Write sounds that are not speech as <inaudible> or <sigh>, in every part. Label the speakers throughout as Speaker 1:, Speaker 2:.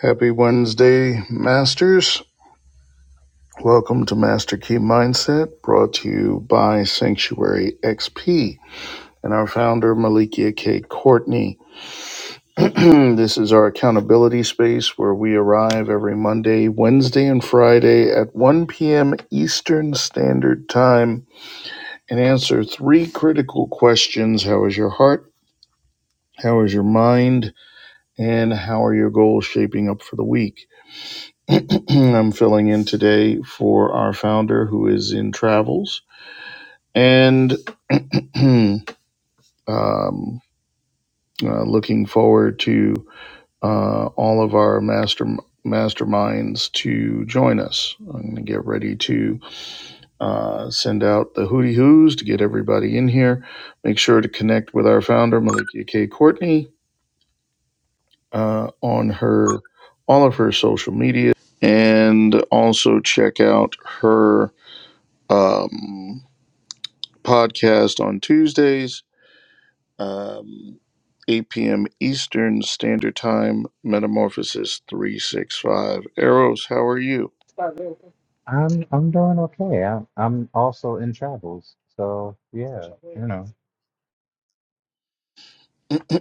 Speaker 1: Happy Wednesday, Masters. Welcome to Master Key Mindset, brought to you by Sanctuary XP and our founder, Malikia K. Courtney. <clears throat> this is our accountability space where we arrive every Monday, Wednesday, and Friday at 1 p.m. Eastern Standard Time and answer three critical questions How is your heart? How is your mind? And how are your goals shaping up for the week? <clears throat> I'm filling in today for our founder who is in travels and <clears throat> um, uh, looking forward to uh, all of our master masterminds to join us. I'm going to get ready to uh, send out the hooty hoos to get everybody in here. Make sure to connect with our founder, Malikia K. Courtney, uh, on her all of her social media and also check out her. Um, podcast on Tuesdays, um, 8 p.m. Eastern Standard Time, Metamorphosis 365. Arrows, how are you?
Speaker 2: I'm I'm doing okay. I'm I'm also in travels, so yeah, you know,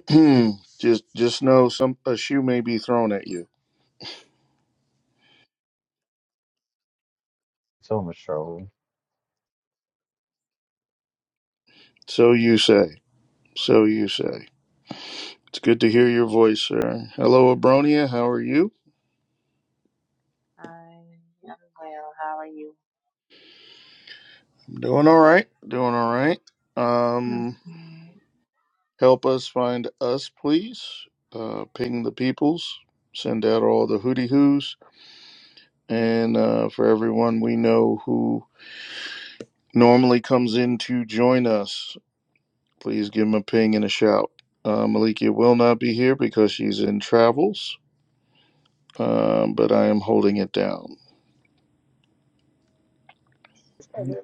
Speaker 1: <clears throat> just just know some a shoe may be thrown at you.
Speaker 2: so much travel.
Speaker 1: So you say. So you say. It's good to hear your voice, sir. Hello, Abronia. How are you?
Speaker 3: I am well. How are you?
Speaker 1: I'm doing all right. Doing all right.
Speaker 3: Mm. That's
Speaker 1: Um,
Speaker 3: good.
Speaker 1: help us find us, please. Uh, ping the peoples. Send out all the hooty hoos And uh, for everyone we know who normally comes in to join us, please give them a ping and a shout. Uh, Malikia will not be here because she's in travels, um, but I am holding it down.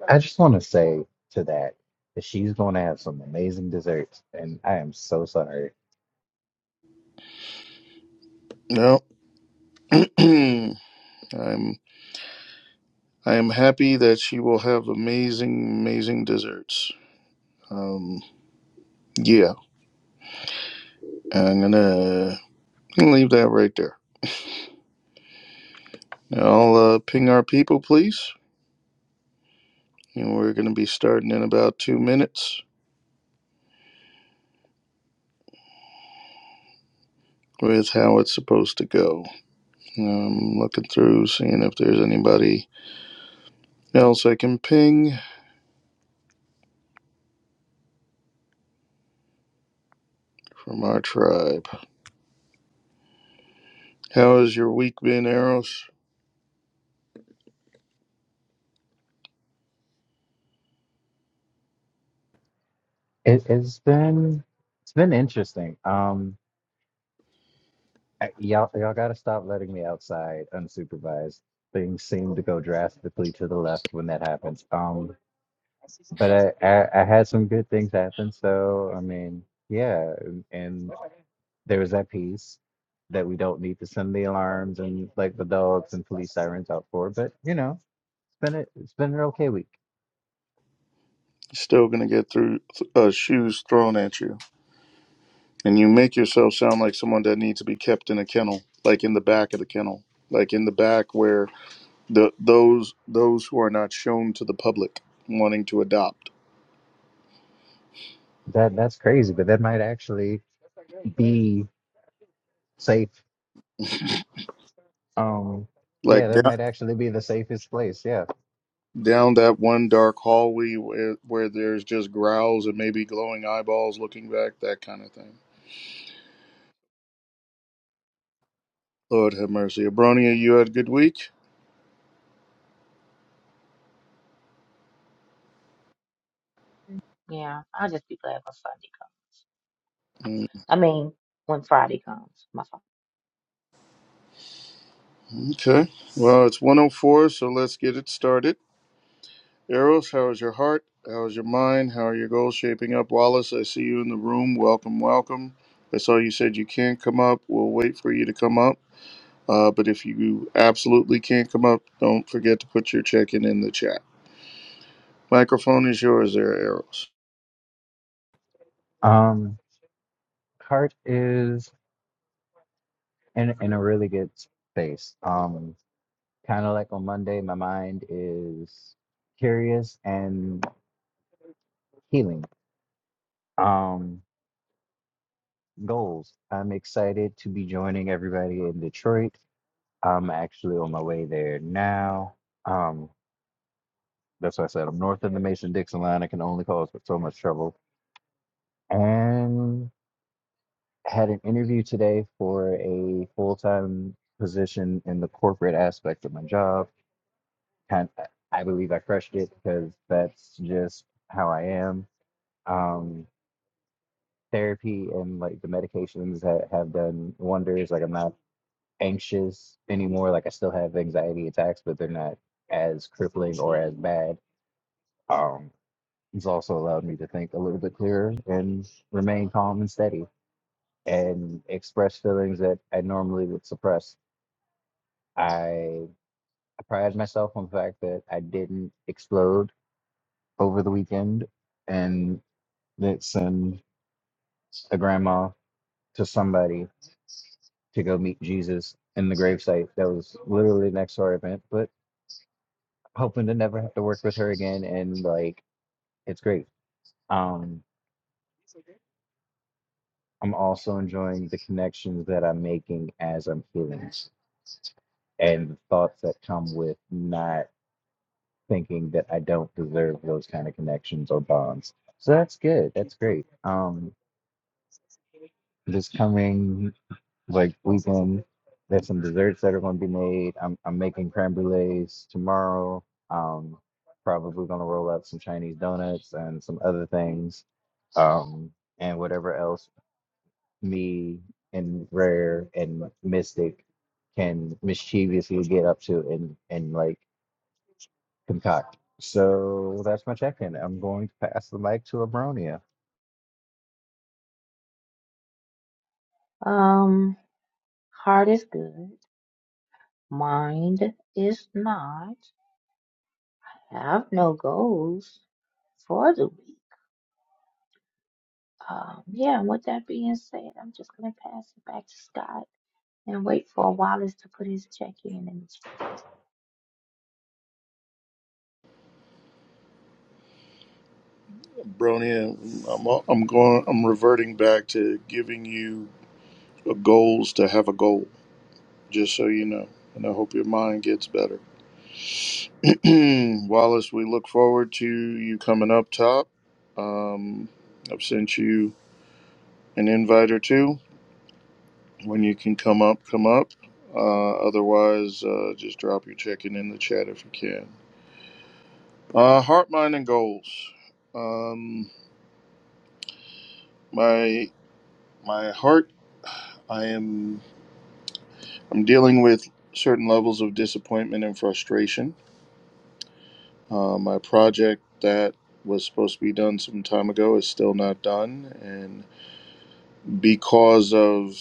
Speaker 2: I just want to say to that that she's going to have some amazing desserts, and I am so sorry.
Speaker 1: No, <clears throat> I'm I am happy that she will have amazing, amazing desserts. Um, yeah, I'm gonna, leave that right there. Now I'll uh, ping our people, please, and we're gonna be starting in about two minutes with how it's supposed to go. I'm looking through, seeing if there's anybody else I can ping from our tribe. How has your week been, Eros?
Speaker 2: It, it's been it's been interesting. Um, I- y'all y'all gotta stop letting me outside unsupervised. Things seem to go drastically to the left when that happens. Um, But I, I, I had some good things happen. So, I mean, yeah. And and there was that piece that we don't need to send the alarms and like the dogs and police sirens out for. But, you know, it's been, a, it's been an okay week.
Speaker 1: Still gonna get through uh, shoes thrown at you, and you make yourself sound like someone that needs to be kept in a kennel, like in the back of the kennel, like in the back where the those those who are not shown to the public wanting to adopt,
Speaker 2: That That's crazy, but that might actually be safe. Um, yeah,
Speaker 1: like
Speaker 2: that
Speaker 1: that.
Speaker 2: might actually be the safest place. Yeah.
Speaker 1: Down that one dark hallway where, where there's just growls and maybe glowing eyeballs looking back, that kind of thing. Lord have mercy. Abronia, you had a good week?
Speaker 3: Yeah, I'll just be glad when Sunday comes.
Speaker 1: Mm,
Speaker 3: I mean, when Friday comes, my fault.
Speaker 1: Okay. Well, it's 104, so let's get it started. Eros, how is your heart? How is your mind? How are your goals shaping up? Wallace, I see you in the room. Welcome, welcome. I saw you said you can't come up. We'll wait for you to come up. Uh, but if you absolutely can't come up, don't forget to put your check-in in the chat. Microphone is yours there, Eros.
Speaker 2: Um, Cart is in in a really good space. Um, Kind of like on Monday, my mind is curious and healing. Um, goals. I'm excited to be joining everybody in Detroit. I'm actually on my way there now. Um, that's why I said I'm north of the Mason Dixon line. I can only cause but so much trouble. And had an interview today for a full time position in the corporate aspect of my job. And I believe I crushed it because that's just how I am. Um, therapy and like the medications ha- have done wonders. Like I'm not anxious anymore. Like I still have anxiety attacks, but they're not as crippling or as bad. Um, it's also allowed me to think a little bit clearer and remain calm and steady and express feelings that I normally would suppress. I, I pride myself on the fact that I didn't explode over the weekend and that send a grandma to somebody to go meet Jesus in the gravesite that was literally next to our event, but hoping to never have to work with her again. And like, it's great. Um, I'm also enjoying the connections that I'm making as I'm healing and the thoughts that come with not thinking that I don't deserve those kind of connections or bonds. So that's good. That's great. Um, this coming like weekend There's some desserts that are going to be made. I'm I'm making creme brulees tomorrow. Um, probably going to roll up some Chinese donuts and some other things, um, and whatever else me and Rare and Mystic can mischievously get up to and and like concoct. So that's my check-in. I'm going to pass the mic to Abronia.
Speaker 3: Um, heart is good. Mind is not. Have no goals for the week. Um, yeah, and with that being said, I'm just gonna pass it back to Scott and wait for Wallace to put his check in. And
Speaker 1: Bronia, I'm, I'm going, I'm reverting back to giving you a goals to have a goal. just so you know. And I hope your mind gets better. <clears throat> Wallace, we look forward to you coming up top. Um, I've sent you an invite or two. When you can come up, come up. Uh, otherwise, uh, just drop your check-in in the chat if you can. Uh, heart, mind, and goals. Um, my my heart, I am I'm dealing with certain levels of disappointment and frustration Uh, my project that was supposed to be done some time ago is still not done, and because of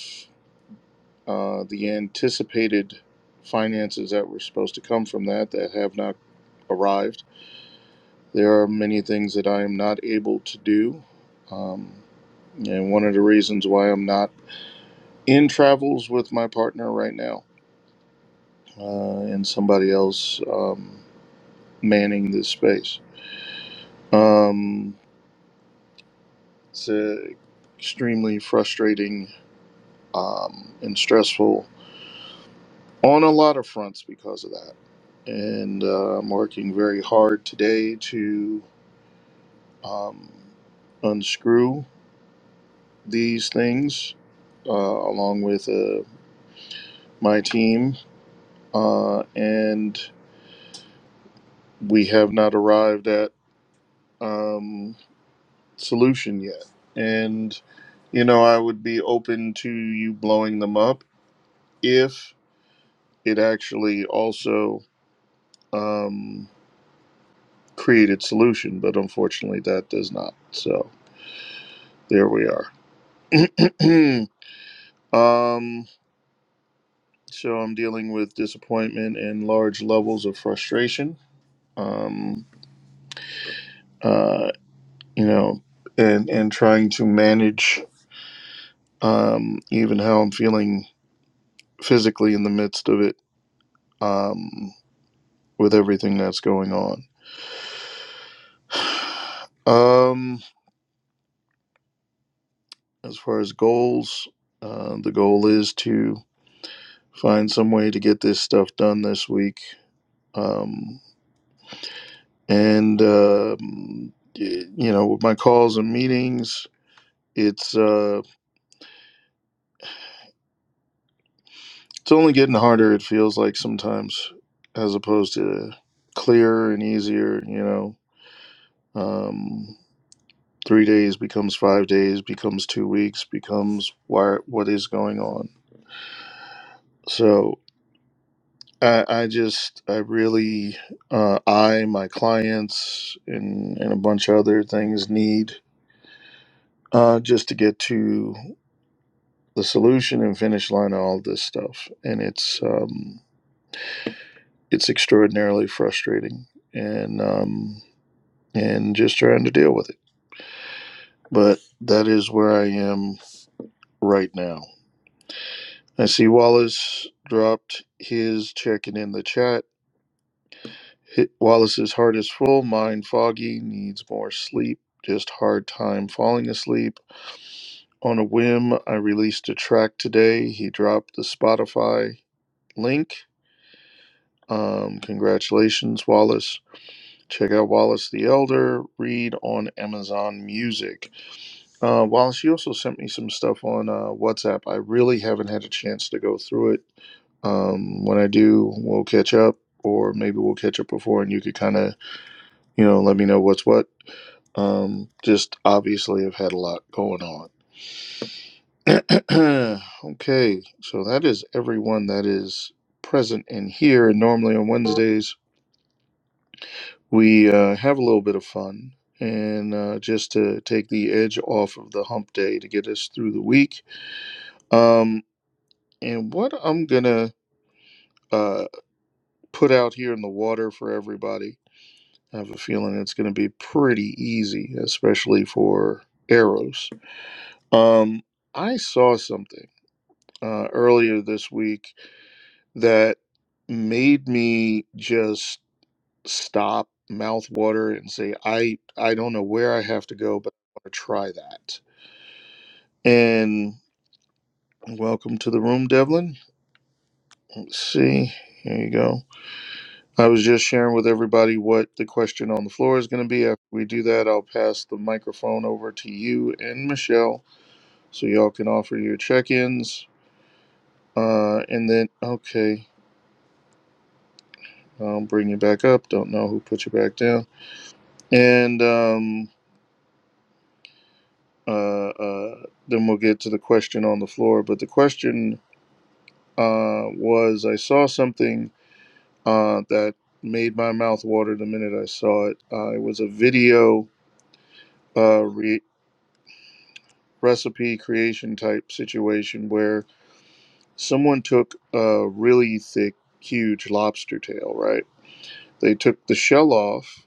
Speaker 1: uh, the anticipated finances that were supposed to come from that that have not arrived, there are many things that I am not able to do. Um, and one of the reasons why I'm not in travels with my partner right now uh, and somebody else um, manning this space. Um, it's uh, extremely frustrating um, and stressful on a lot of fronts because of that. And uh, I'm working very hard today to um, unscrew these things uh, along with uh, my team. Uh, and we have not arrived at um, solution yet. And, you know, I would be open to you blowing them up if it actually also. Um, created solution, but unfortunately that does not. So there we are. <clears throat> um, so I'm dealing with disappointment and large levels of frustration. Um, uh, you know, and and trying to manage um, even how I'm feeling physically in the midst of it um, with everything that's going on. <sighs> Um, as far as goals, uh, the goal is to find some way to get this stuff done this week um, and um, you know with my calls and meetings it's uh, it's only getting harder it feels like sometimes as opposed to clearer and easier you know um, three days becomes five days becomes two weeks becomes why what is going on so I, I just I really uh, I my clients and and a bunch of other things need uh, just to get to the solution and finish line of all this stuff and it's um it's extraordinarily frustrating and um and just trying to deal with it but that is where i am right now i see wallace dropped his checking in the chat Hit wallace's heart is full mind foggy needs more sleep just hard time falling asleep on a whim i released a track today he dropped the spotify link um congratulations wallace Check out Wallace the Elder. Read on Amazon Music. Uh, Wallace, you also sent me some stuff on uh, WhatsApp. I really haven't had a chance to go through it. Um, when I do, we'll catch up, or maybe we'll catch up before, and you could kind of, you know, let me know what's what. Um, just obviously, I've had a lot going on. <clears throat> okay, so that is everyone that is present in here. And normally on Wednesdays, we uh, have a little bit of fun and uh, just to take the edge off of the hump day to get us through the week. Um, and what I'm going to uh, put out here in the water for everybody, I have a feeling it's going to be pretty easy, especially for arrows. Um, I saw something uh, earlier this week that made me just stop mouth water and say i i don't know where i have to go but i want to try that And welcome to the room, Devlin. Let's see. Here you go. I was just sharing with everybody what the question on the floor is going to be. After we do that, I'll pass the microphone over to you and Michelle so y'all can offer your check ins. Uh, and then, okay, I'll bring you back up. Don't know who put you back down. And um, uh, uh, then we'll get to the question on the floor. But the question uh, was I saw something uh, that made my mouth water the minute I saw it. Uh, it was a video uh, re- recipe creation type situation where someone took a really thick, huge lobster tail, right? They took the shell off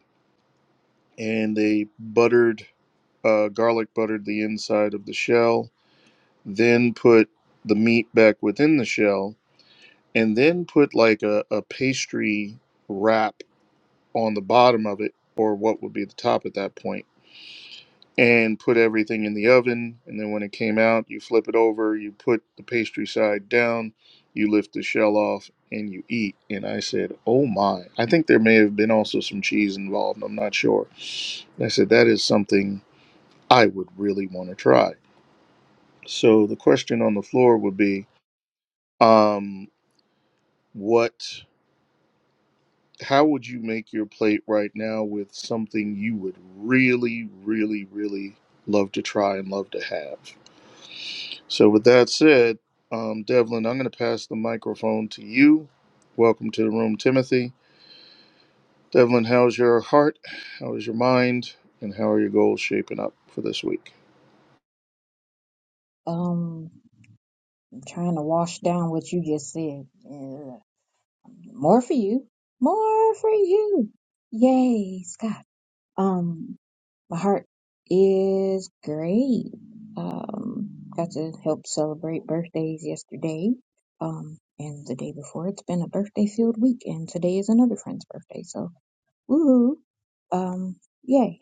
Speaker 1: and they buttered, uh, garlic buttered the inside of the shell, then put the meat back within the shell, and then put like a, a pastry wrap on the bottom of it, or what would be the top at that point and put everything in the oven. And then when it came out, you flip it over, you put the pastry side down, you lift the shell off, and you eat. And I said, Oh my. I think there may have been also some cheese involved. I'm not sure. And I said, That is something I would really want to try. So the question on the floor would be, um, what. How would you make your plate right now with something you would really, really, really love to try and love to have? So, with that said, um, Devlin, I'm going to pass the microphone to you. Welcome to the room, Timothy. Devlin, how's your heart? How is your mind? And how are your goals shaping up for this week?
Speaker 4: Um, trying to wash down what you just said. Uh, more for you. More for you. Yay, Scott. Um, my heart is great. Um, got to help celebrate birthdays yesterday. Um, and the day before, it's been a birthday filled week, and today is another friend's birthday, so woohoo. Um, yay.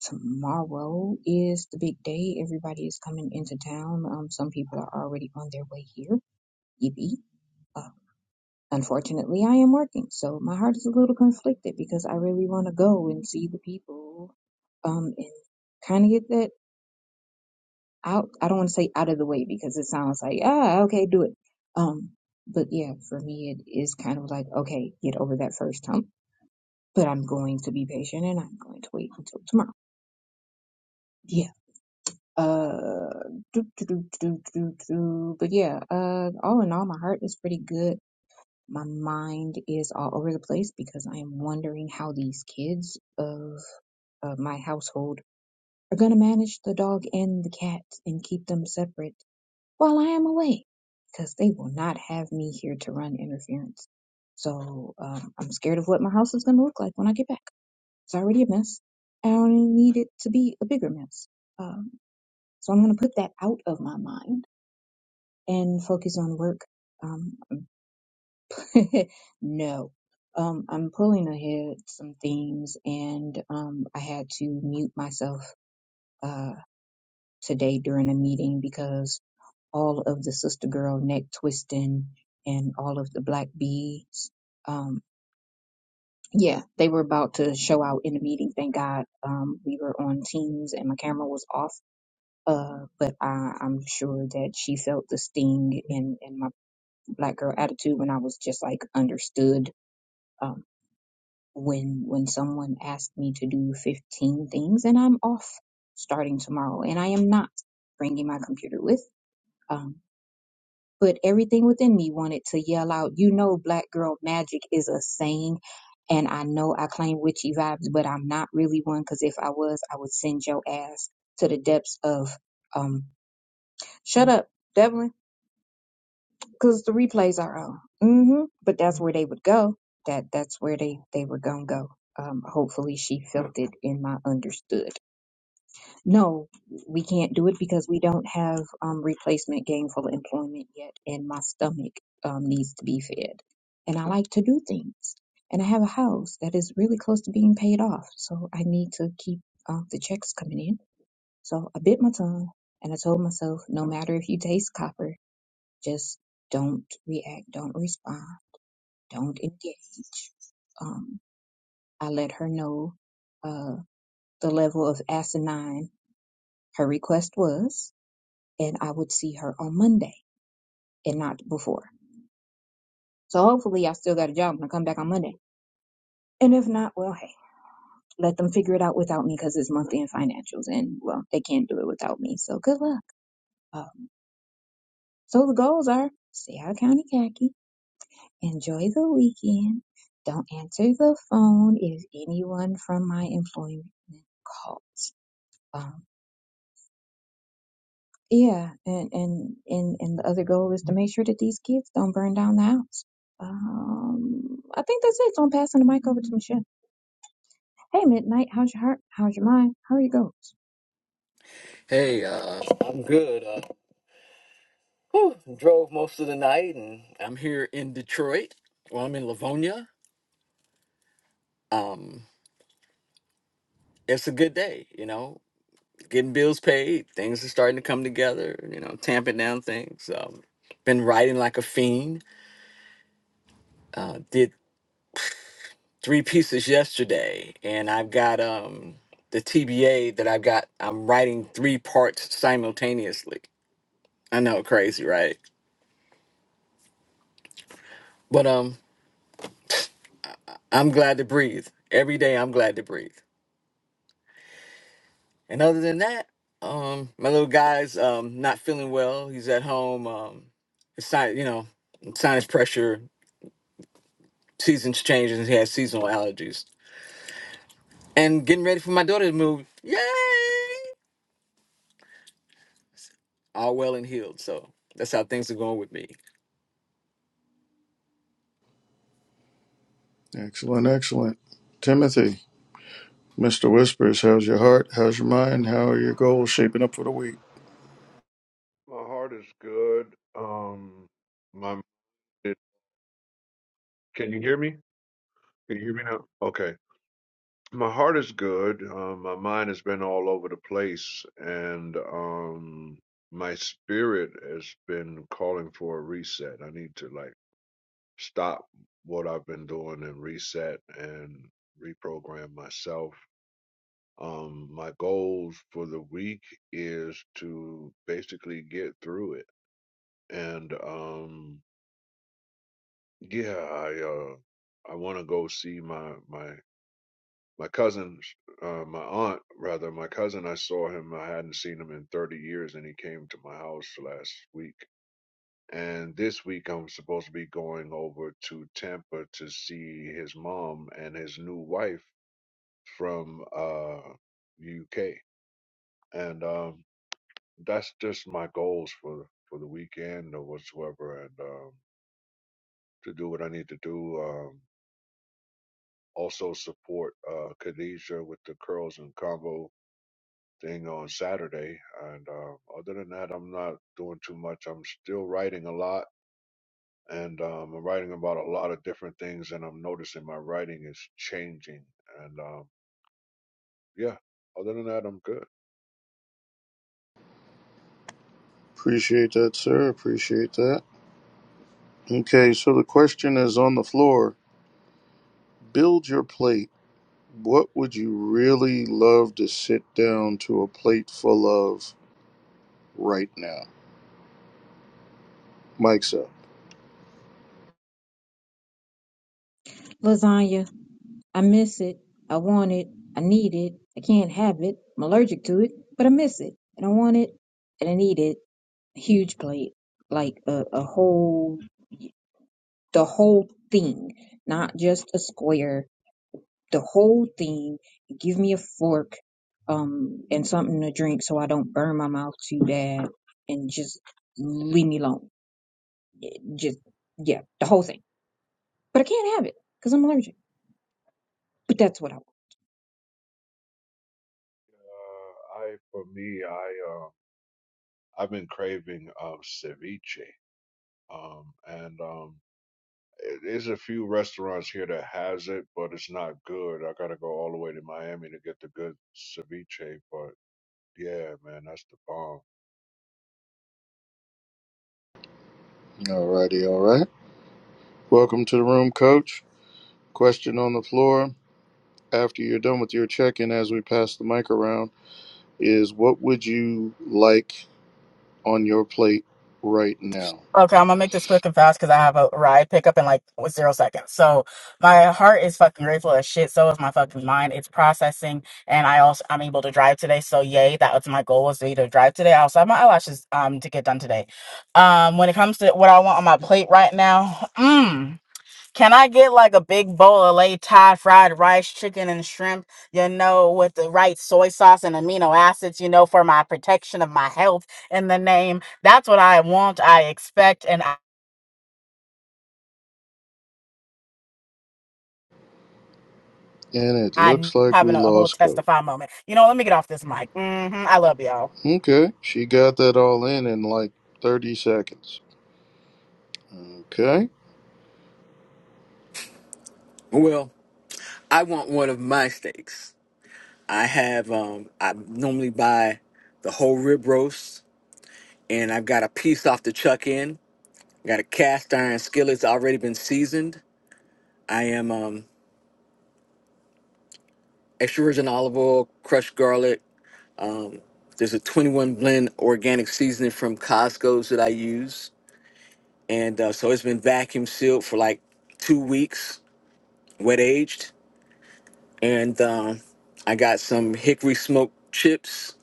Speaker 4: Tomorrow is the big day. Everybody is coming into town. Um, some people are already on their way here Evie. Uh, unfortunately, I am working, so my heart is a little conflicted because I really want to go and see the people um, and kind of get that out. I don't want to say out of the way because it sounds like, ah, okay, do it. Um, but yeah, for me, it is kind of like, okay, get over that first hump, but I'm going to be patient and I'm going to wait until tomorrow. Yeah. Uh, do, do, do, do, do, do. but yeah, uh, all in all, my heart is pretty good. My mind is all over the place because I am wondering how these kids of uh, my household are going to manage the dog and the cat and keep them separate while I am away because they will not have me here to run interference. So um, I'm scared of what my house is going to look like when I get back. It's already a mess. I only need it to be a bigger mess. Um, so I'm going to put that out of my mind and focus on work. Um, <laughs> no. Um, I'm pulling ahead some themes, and um, I had to mute myself uh, today during a meeting because all of the sister girl neck twisting and all of the black beads, um, yeah, they were about to show out in the meeting. Thank God um, we were on Teams and my camera was off. Uh, but I, I'm sure that she felt the sting in, in my black girl attitude when I was just like understood um, when when someone asked me to do 15 things and I'm off starting tomorrow and I am not bringing my computer with um but everything within me wanted to yell out you know black girl magic is a saying and I know I claim witchy vibes but I'm not really one cuz if I was I would send your ass to the depths of um shut up Devlin because the replays are on. hmm But that's where they would go. That that's where they they were gonna go. Um, hopefully she felt it in my understood. No, we can't do it because we don't have um replacement gainful employment yet, and my stomach um needs to be fed. And I like to do things, and I have a house that is really close to being paid off, so I need to keep uh, the checks coming in. So I bit my tongue and I told myself, no matter if you taste copper, just don't react, don't respond, don't engage. Um, I let her know uh, the level of asinine her request was, and I would see her on Monday and not before. So hopefully, I still got a job when I come back on Monday. And if not, well, hey, let them figure it out without me because it's month end financials, and well, they can't do it without me. So good luck. Um, so the goals are stay out of county khaki, Enjoy the weekend. Don't answer the phone if anyone from my employment calls. Um, yeah, and, and and and the other goal is to make sure that these kids don't burn down the house. Um, I think that's it. So I'm passing the mic over to Michelle. Hey, Midnight, how's your heart? How's your mind? How are your goals?
Speaker 5: Hey, uh, I'm good. Uh, whew, drove most of the night, and I'm here in Detroit. Well, I'm in Livonia. Um, it's a good day, you know. Getting bills paid, things are starting to come together. You know, tamping down things. Um, been writing like a fiend. Uh, did three pieces yesterday, and I've got um the TBA that I've got. I'm writing three parts simultaneously. I know, crazy, right? But um, I'm glad to breathe. Every day, I'm glad to breathe. And other than that, um, my little guy's um, not feeling well. He's at home. Um, it's not, you know, sinus pressure, seasons changes, and he has seasonal allergies. And getting ready for my daughter to move. Yay! All well and healed. So that's how things are going with me.
Speaker 1: Excellent, excellent. Timothy, Mr. Whispers, how's your heart? How's your mind? How are your goals shaping up for the week?
Speaker 6: My heart is good. Um, my it, can you hear me? Can you hear me now? Okay. My heart is good. Um, my mind has been all over the place, and um, my spirit has been calling for a reset. I need to like stop what I've been doing and reset and reprogram myself. Um, my goals for the week is to basically get through it and um. Yeah, I uh I want to go see my my my cousin, uh my aunt rather, my cousin. I saw him. I hadn't seen him in 30 years and he came to my house last week. And this week I'm supposed to be going over to Tampa to see his mom and his new wife from uh UK. And um that's just my goals for for the weekend or whatsoever and um to do what I need to do. Um also support uh, Khadija with the curls and combo thing on Saturday. And uh, other than that, I'm not doing too much. I'm still writing a lot, and um, I'm writing about a lot of different things. And I'm noticing my writing is changing. And um, yeah, other than that, I'm good.
Speaker 1: Appreciate that, sir. Appreciate that. Okay, so the question is on the floor. Build your plate. What would you really love to sit down to a plate full of? right now. Mike's up.
Speaker 4: Lasagna, I miss it. I want it. I need it. I can't have it. I'm allergic to it, but I miss it. And I want it and I need it. Huge plate, like a, a whole the whole thing, not just a square, the whole thing. Give me a fork um, and something to drink so I don't burn my mouth too bad and just leave me alone. Just, yeah, the whole thing. But I can't have it because I'm allergic. But that's what I want.
Speaker 6: Uh, I, for me, I, uh, I've been craving um, ceviche, um, and um, There's a few restaurants here that has it, but it's not good. I gotta go all the way to Miami to get the good ceviche. But yeah, man, that's the bomb.
Speaker 1: Alrighty, all right. Welcome to the room, coach. Question on the floor after you're done with your check in as we pass the mic around is what would you like on your plate right now?
Speaker 7: Okay, I'm gonna make this quick and fast because I have a ride pickup in like with zero seconds. So my heart is fucking grateful as shit. So is my fucking mind. It's processing, and I also I'm able to drive today. So yay, that was my goal was to be to drive today. I also have my eyelashes um to get done today. Um, when it comes to what I want on my plate right now, mm, can I get like a big bowl of lay Thai fried rice, chicken, and shrimp, you know, with the right soy sauce and amino acids, you know, for my protection of my health in the name? That's what I want, I expect, and I,
Speaker 1: And it looks
Speaker 7: I'm
Speaker 1: like we
Speaker 7: having a whole
Speaker 1: lost coach.
Speaker 7: testify moment. You know, let me get off this mic. hmm I love y'all.
Speaker 1: Okay, she got that all in in like 30 seconds. Okay,
Speaker 5: Well, I want one of my steaks. I have, um, I normally buy the whole rib roast, and I've got a piece off the chuck in. Got a cast iron skillet's already been seasoned. I am. um extra virgin olive oil, crushed garlic. Um, there's a 21 blend organic seasoning from Costco's that I use, and uh, so it's been vacuum sealed for like two weeks, wet aged, and um, I got some hickory smoked chips.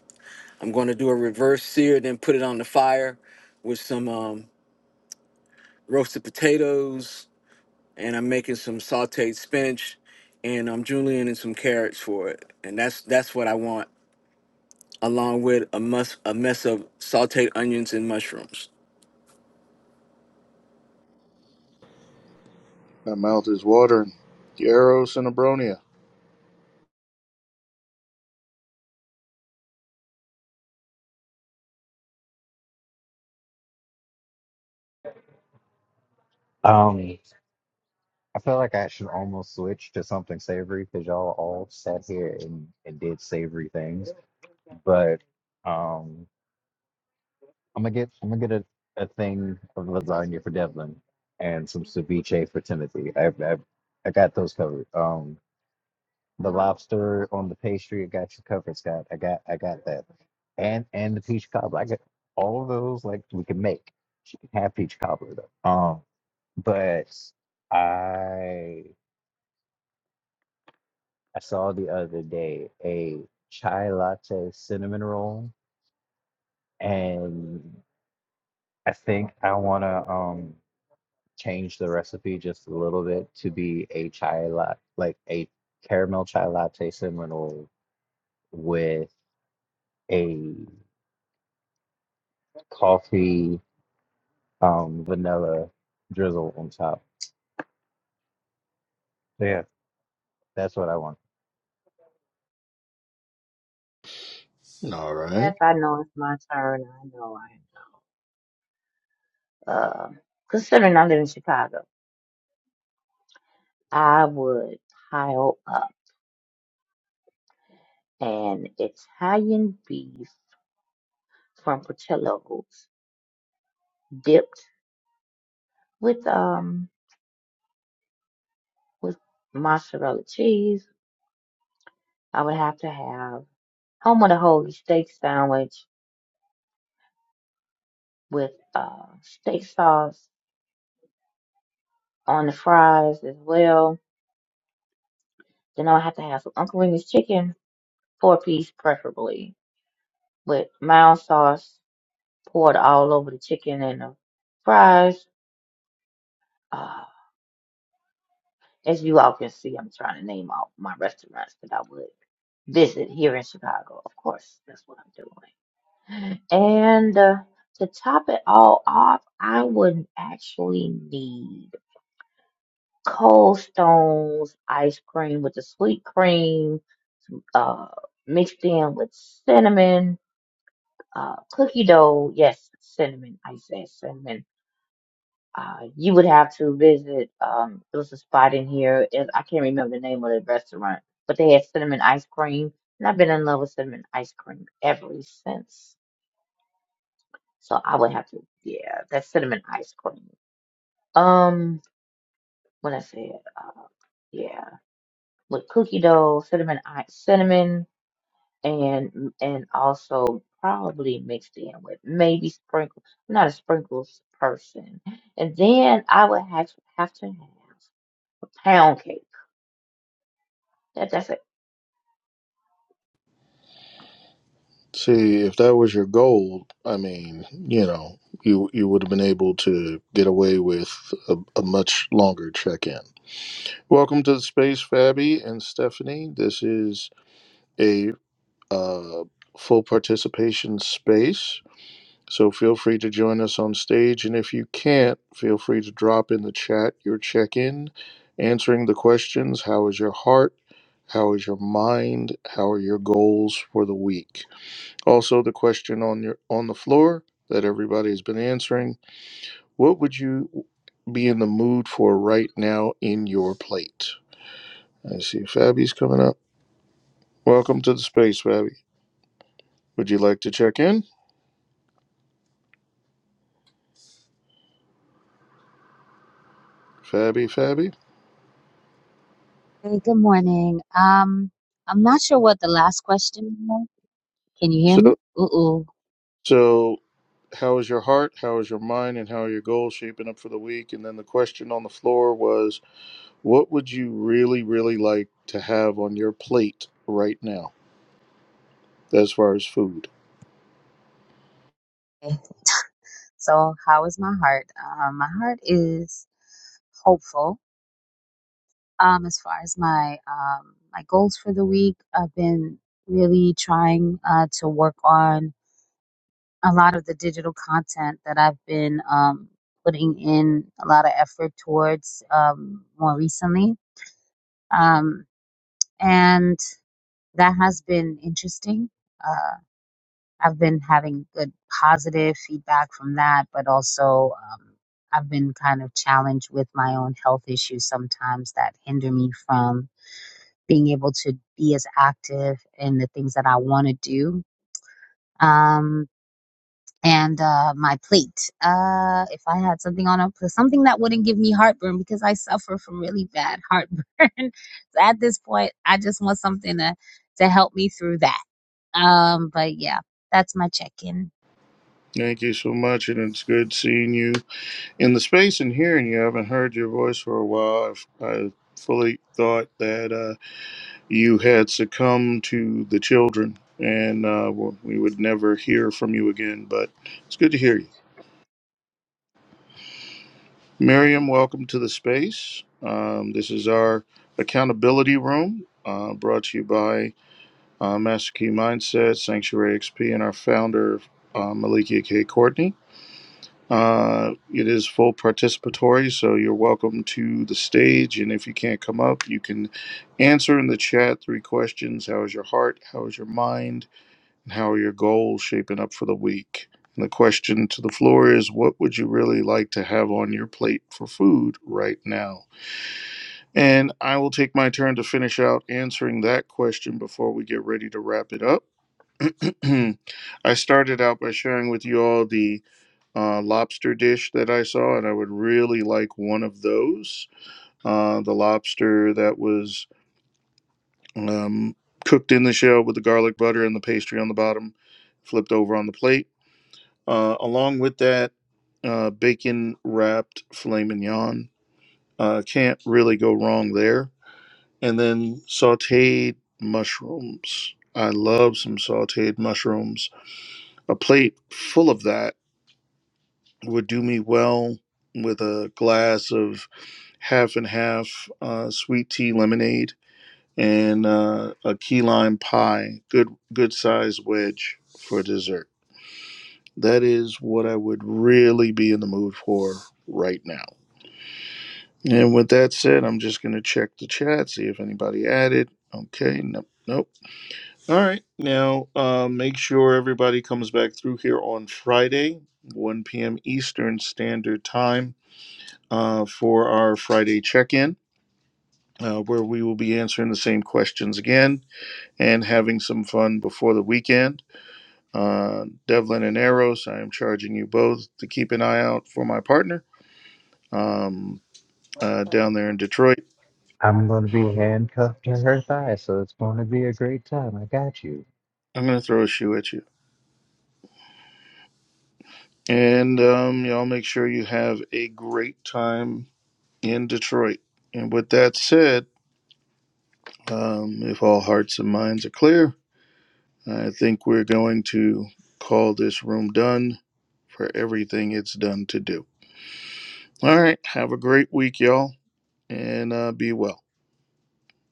Speaker 5: I'm going to do a reverse sear, then put it on the fire with some um, roasted potatoes, and I'm making some sautéed spinach, and I'm julienne and some carrots for it, and that's that's what I want along with a mus a mess of sauteed onions and mushrooms.
Speaker 1: my mouth is watering. Yaros and Abronia.
Speaker 2: Um. I feel like I should almost switch to something savory because y'all all sat here and, and did savory things. But um, I'm gonna get I'm gonna get a, a thing of lasagna for Devlin and some ceviche for Timothy. I I, I got those covered. Um, the lobster on the pastry, I got you covered, Scott. I got I got that, and and the peach cobbler. I got all of those. Like we can make. She can have peach cobbler though. Um, but I. I saw the other day a chai latte cinnamon roll, and I think I want to um change the recipe just a little bit to be a chai latte, like a caramel chai latte cinnamon roll with a coffee um vanilla drizzle on top. So yeah, that's what I want.
Speaker 1: All right.
Speaker 3: yes, I know it's my turn. I know I. Uh, considering I live in Chicago. I would pile up an Italian beef from Portillo's dipped with um with mozzarella cheese. I would have to have home of the holy steak sandwich with uh steak sauce on the fries as well. Then I would have to have some Uncle Remus chicken, four piece preferably, with mild sauce poured all over the chicken and the fries. Uh, As you all can see, I'm trying to name all my restaurants that I would visit here in Chicago. Of course, that's what I'm doing. And uh, to top it all off, I would actually need Cold Stone's ice cream with the sweet cream uh, mixed in with cinnamon, uh, cookie dough. Yes, cinnamon. I said cinnamon Uh, you would have to visit. Um, there was a spot in here. It, I can't remember the name of the restaurant, but they had cinnamon ice cream, and I've been in love with cinnamon ice cream ever since. So I would have to, yeah, that cinnamon ice cream. Um, when I said, uh, yeah, with cookie dough, cinnamon, i- cinnamon, and and also probably mixed in with maybe sprinkles. I'm not a sprinkles person, and then I would have have to have a pound cake Yeah, definitely.
Speaker 1: See, if that was your goal, I mean, you know, you you would have been able to get away with a, a much longer check-in. Welcome to the space, Fabi and Stephanie. This is a uh, full participation space, so feel free to join us on stage. And if you can't, feel free to drop in the chat your check-in, answering the questions: How is your heart? How is your mind? How are your goals for the week? Also, the question on your on the floor that everybody has been answering: What would you be in the mood for right now in your plate? I see Fabby's coming up. Welcome to the space, Fabby. Would you like to check in, Fabby? Fabby.
Speaker 8: Hey, good morning. Um, I'm not sure what the last question was. Can you hear
Speaker 1: So,
Speaker 8: me? Ooh, ooh.
Speaker 1: so how is your heart? How is your mind? And how are your goals shaping up for the week? And then the question on the floor was: What would you really, really like to have on your plate right now, as far as food?
Speaker 8: Okay. So, how is my heart? Um, my heart is hopeful. Um, as far as my um my goals for the week, I've been really trying uh to work on a lot of the digital content that I've been um putting in a lot of effort towards um more recently. Um, and that has been interesting Uh, I've been having good positive feedback from that, but also um, I've been kind of challenged with my own health issues sometimes that hinder me from being able to be as active in the things that I want to do. Um, and uh, my plate, uh, if I had something on a something that wouldn't give me heartburn because I suffer from really bad heartburn. <laughs> so at this point, I just want something to to help me through that. Um, but yeah, that's my check in.
Speaker 1: Thank you so much, and it's good seeing you. In the space and hearing you, I haven't heard your voice for a while. I, I fully thought that uh, you had succumbed to the children and uh, well, we would never hear from you again, but it's good to hear you. Miriam, welcome to the space. Um, this is our accountability room uh, brought to you by uh, Master Key Mindset, Sanctuary XP, and our founder, uh, Malikia K. Courtney. Uh, it is full participatory, so you're welcome to the stage. And if you can't come up, you can answer in the chat three questions How is your heart? How is your mind? And how are your goals shaping up for the week? And the question to the floor is What would you really like to have on your plate for food right now? And I will take my turn to finish out answering that question before we get ready to wrap it up. <clears throat> I started out by sharing with you all the uh, lobster dish that I saw, and I would really like one of those. Uh, the lobster that was um, cooked in the shell with the garlic butter and the pastry on the bottom, flipped over on the plate. Uh, along with that, uh, bacon wrapped filet mignon. Uh, can't really go wrong there. And then sauteed mushrooms. I love some sauteed mushrooms. A plate full of that would do me well with a glass of half and half uh, sweet tea lemonade and uh, a key lime pie, good good size wedge for dessert. That is what I would really be in the mood for right now. And with that said, I'm just gonna check the chat, see if anybody added. Okay, nope, nope. All right, now uh, make sure everybody comes back through here on Friday, 1 p.m. Eastern Standard Time uh, for our Friday check in, uh, where we will be answering the same questions again and having some fun before the weekend. Uh, Devlin and Eros, I am charging you both to keep an eye out for my partner um, uh, down there in Detroit.
Speaker 2: I'm gonna be handcuffed to her thigh, so it's gonna be a great time. I got you.
Speaker 1: I'm going to throw a shoe at you. And um, y'all make sure you have a great time in Detroit. And with that said, um, if all hearts and minds are clear, I think we're going to call this room done for everything it's done to do. All right. Have a great week, y'all, and uh, be well.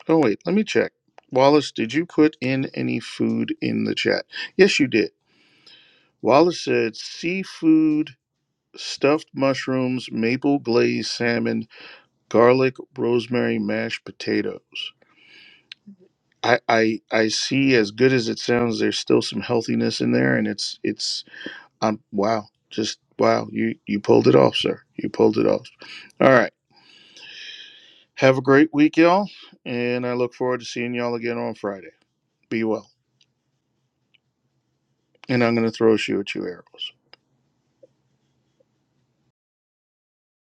Speaker 1: Oh, wait. Let me check. Wallace, did you put in any food in the chat? Yes, you did. Wallace said seafood, stuffed mushrooms, maple glazed salmon, garlic, rosemary, mashed potatoes. I, I I see as good as it sounds there's still some healthiness in there and it's it's um wow just wow you you pulled it off sir you pulled it off all right Have a great week, y'all. And I look forward to seeing y'all again on Friday. Be well. And I'm going to throw a shoe at you, arrows.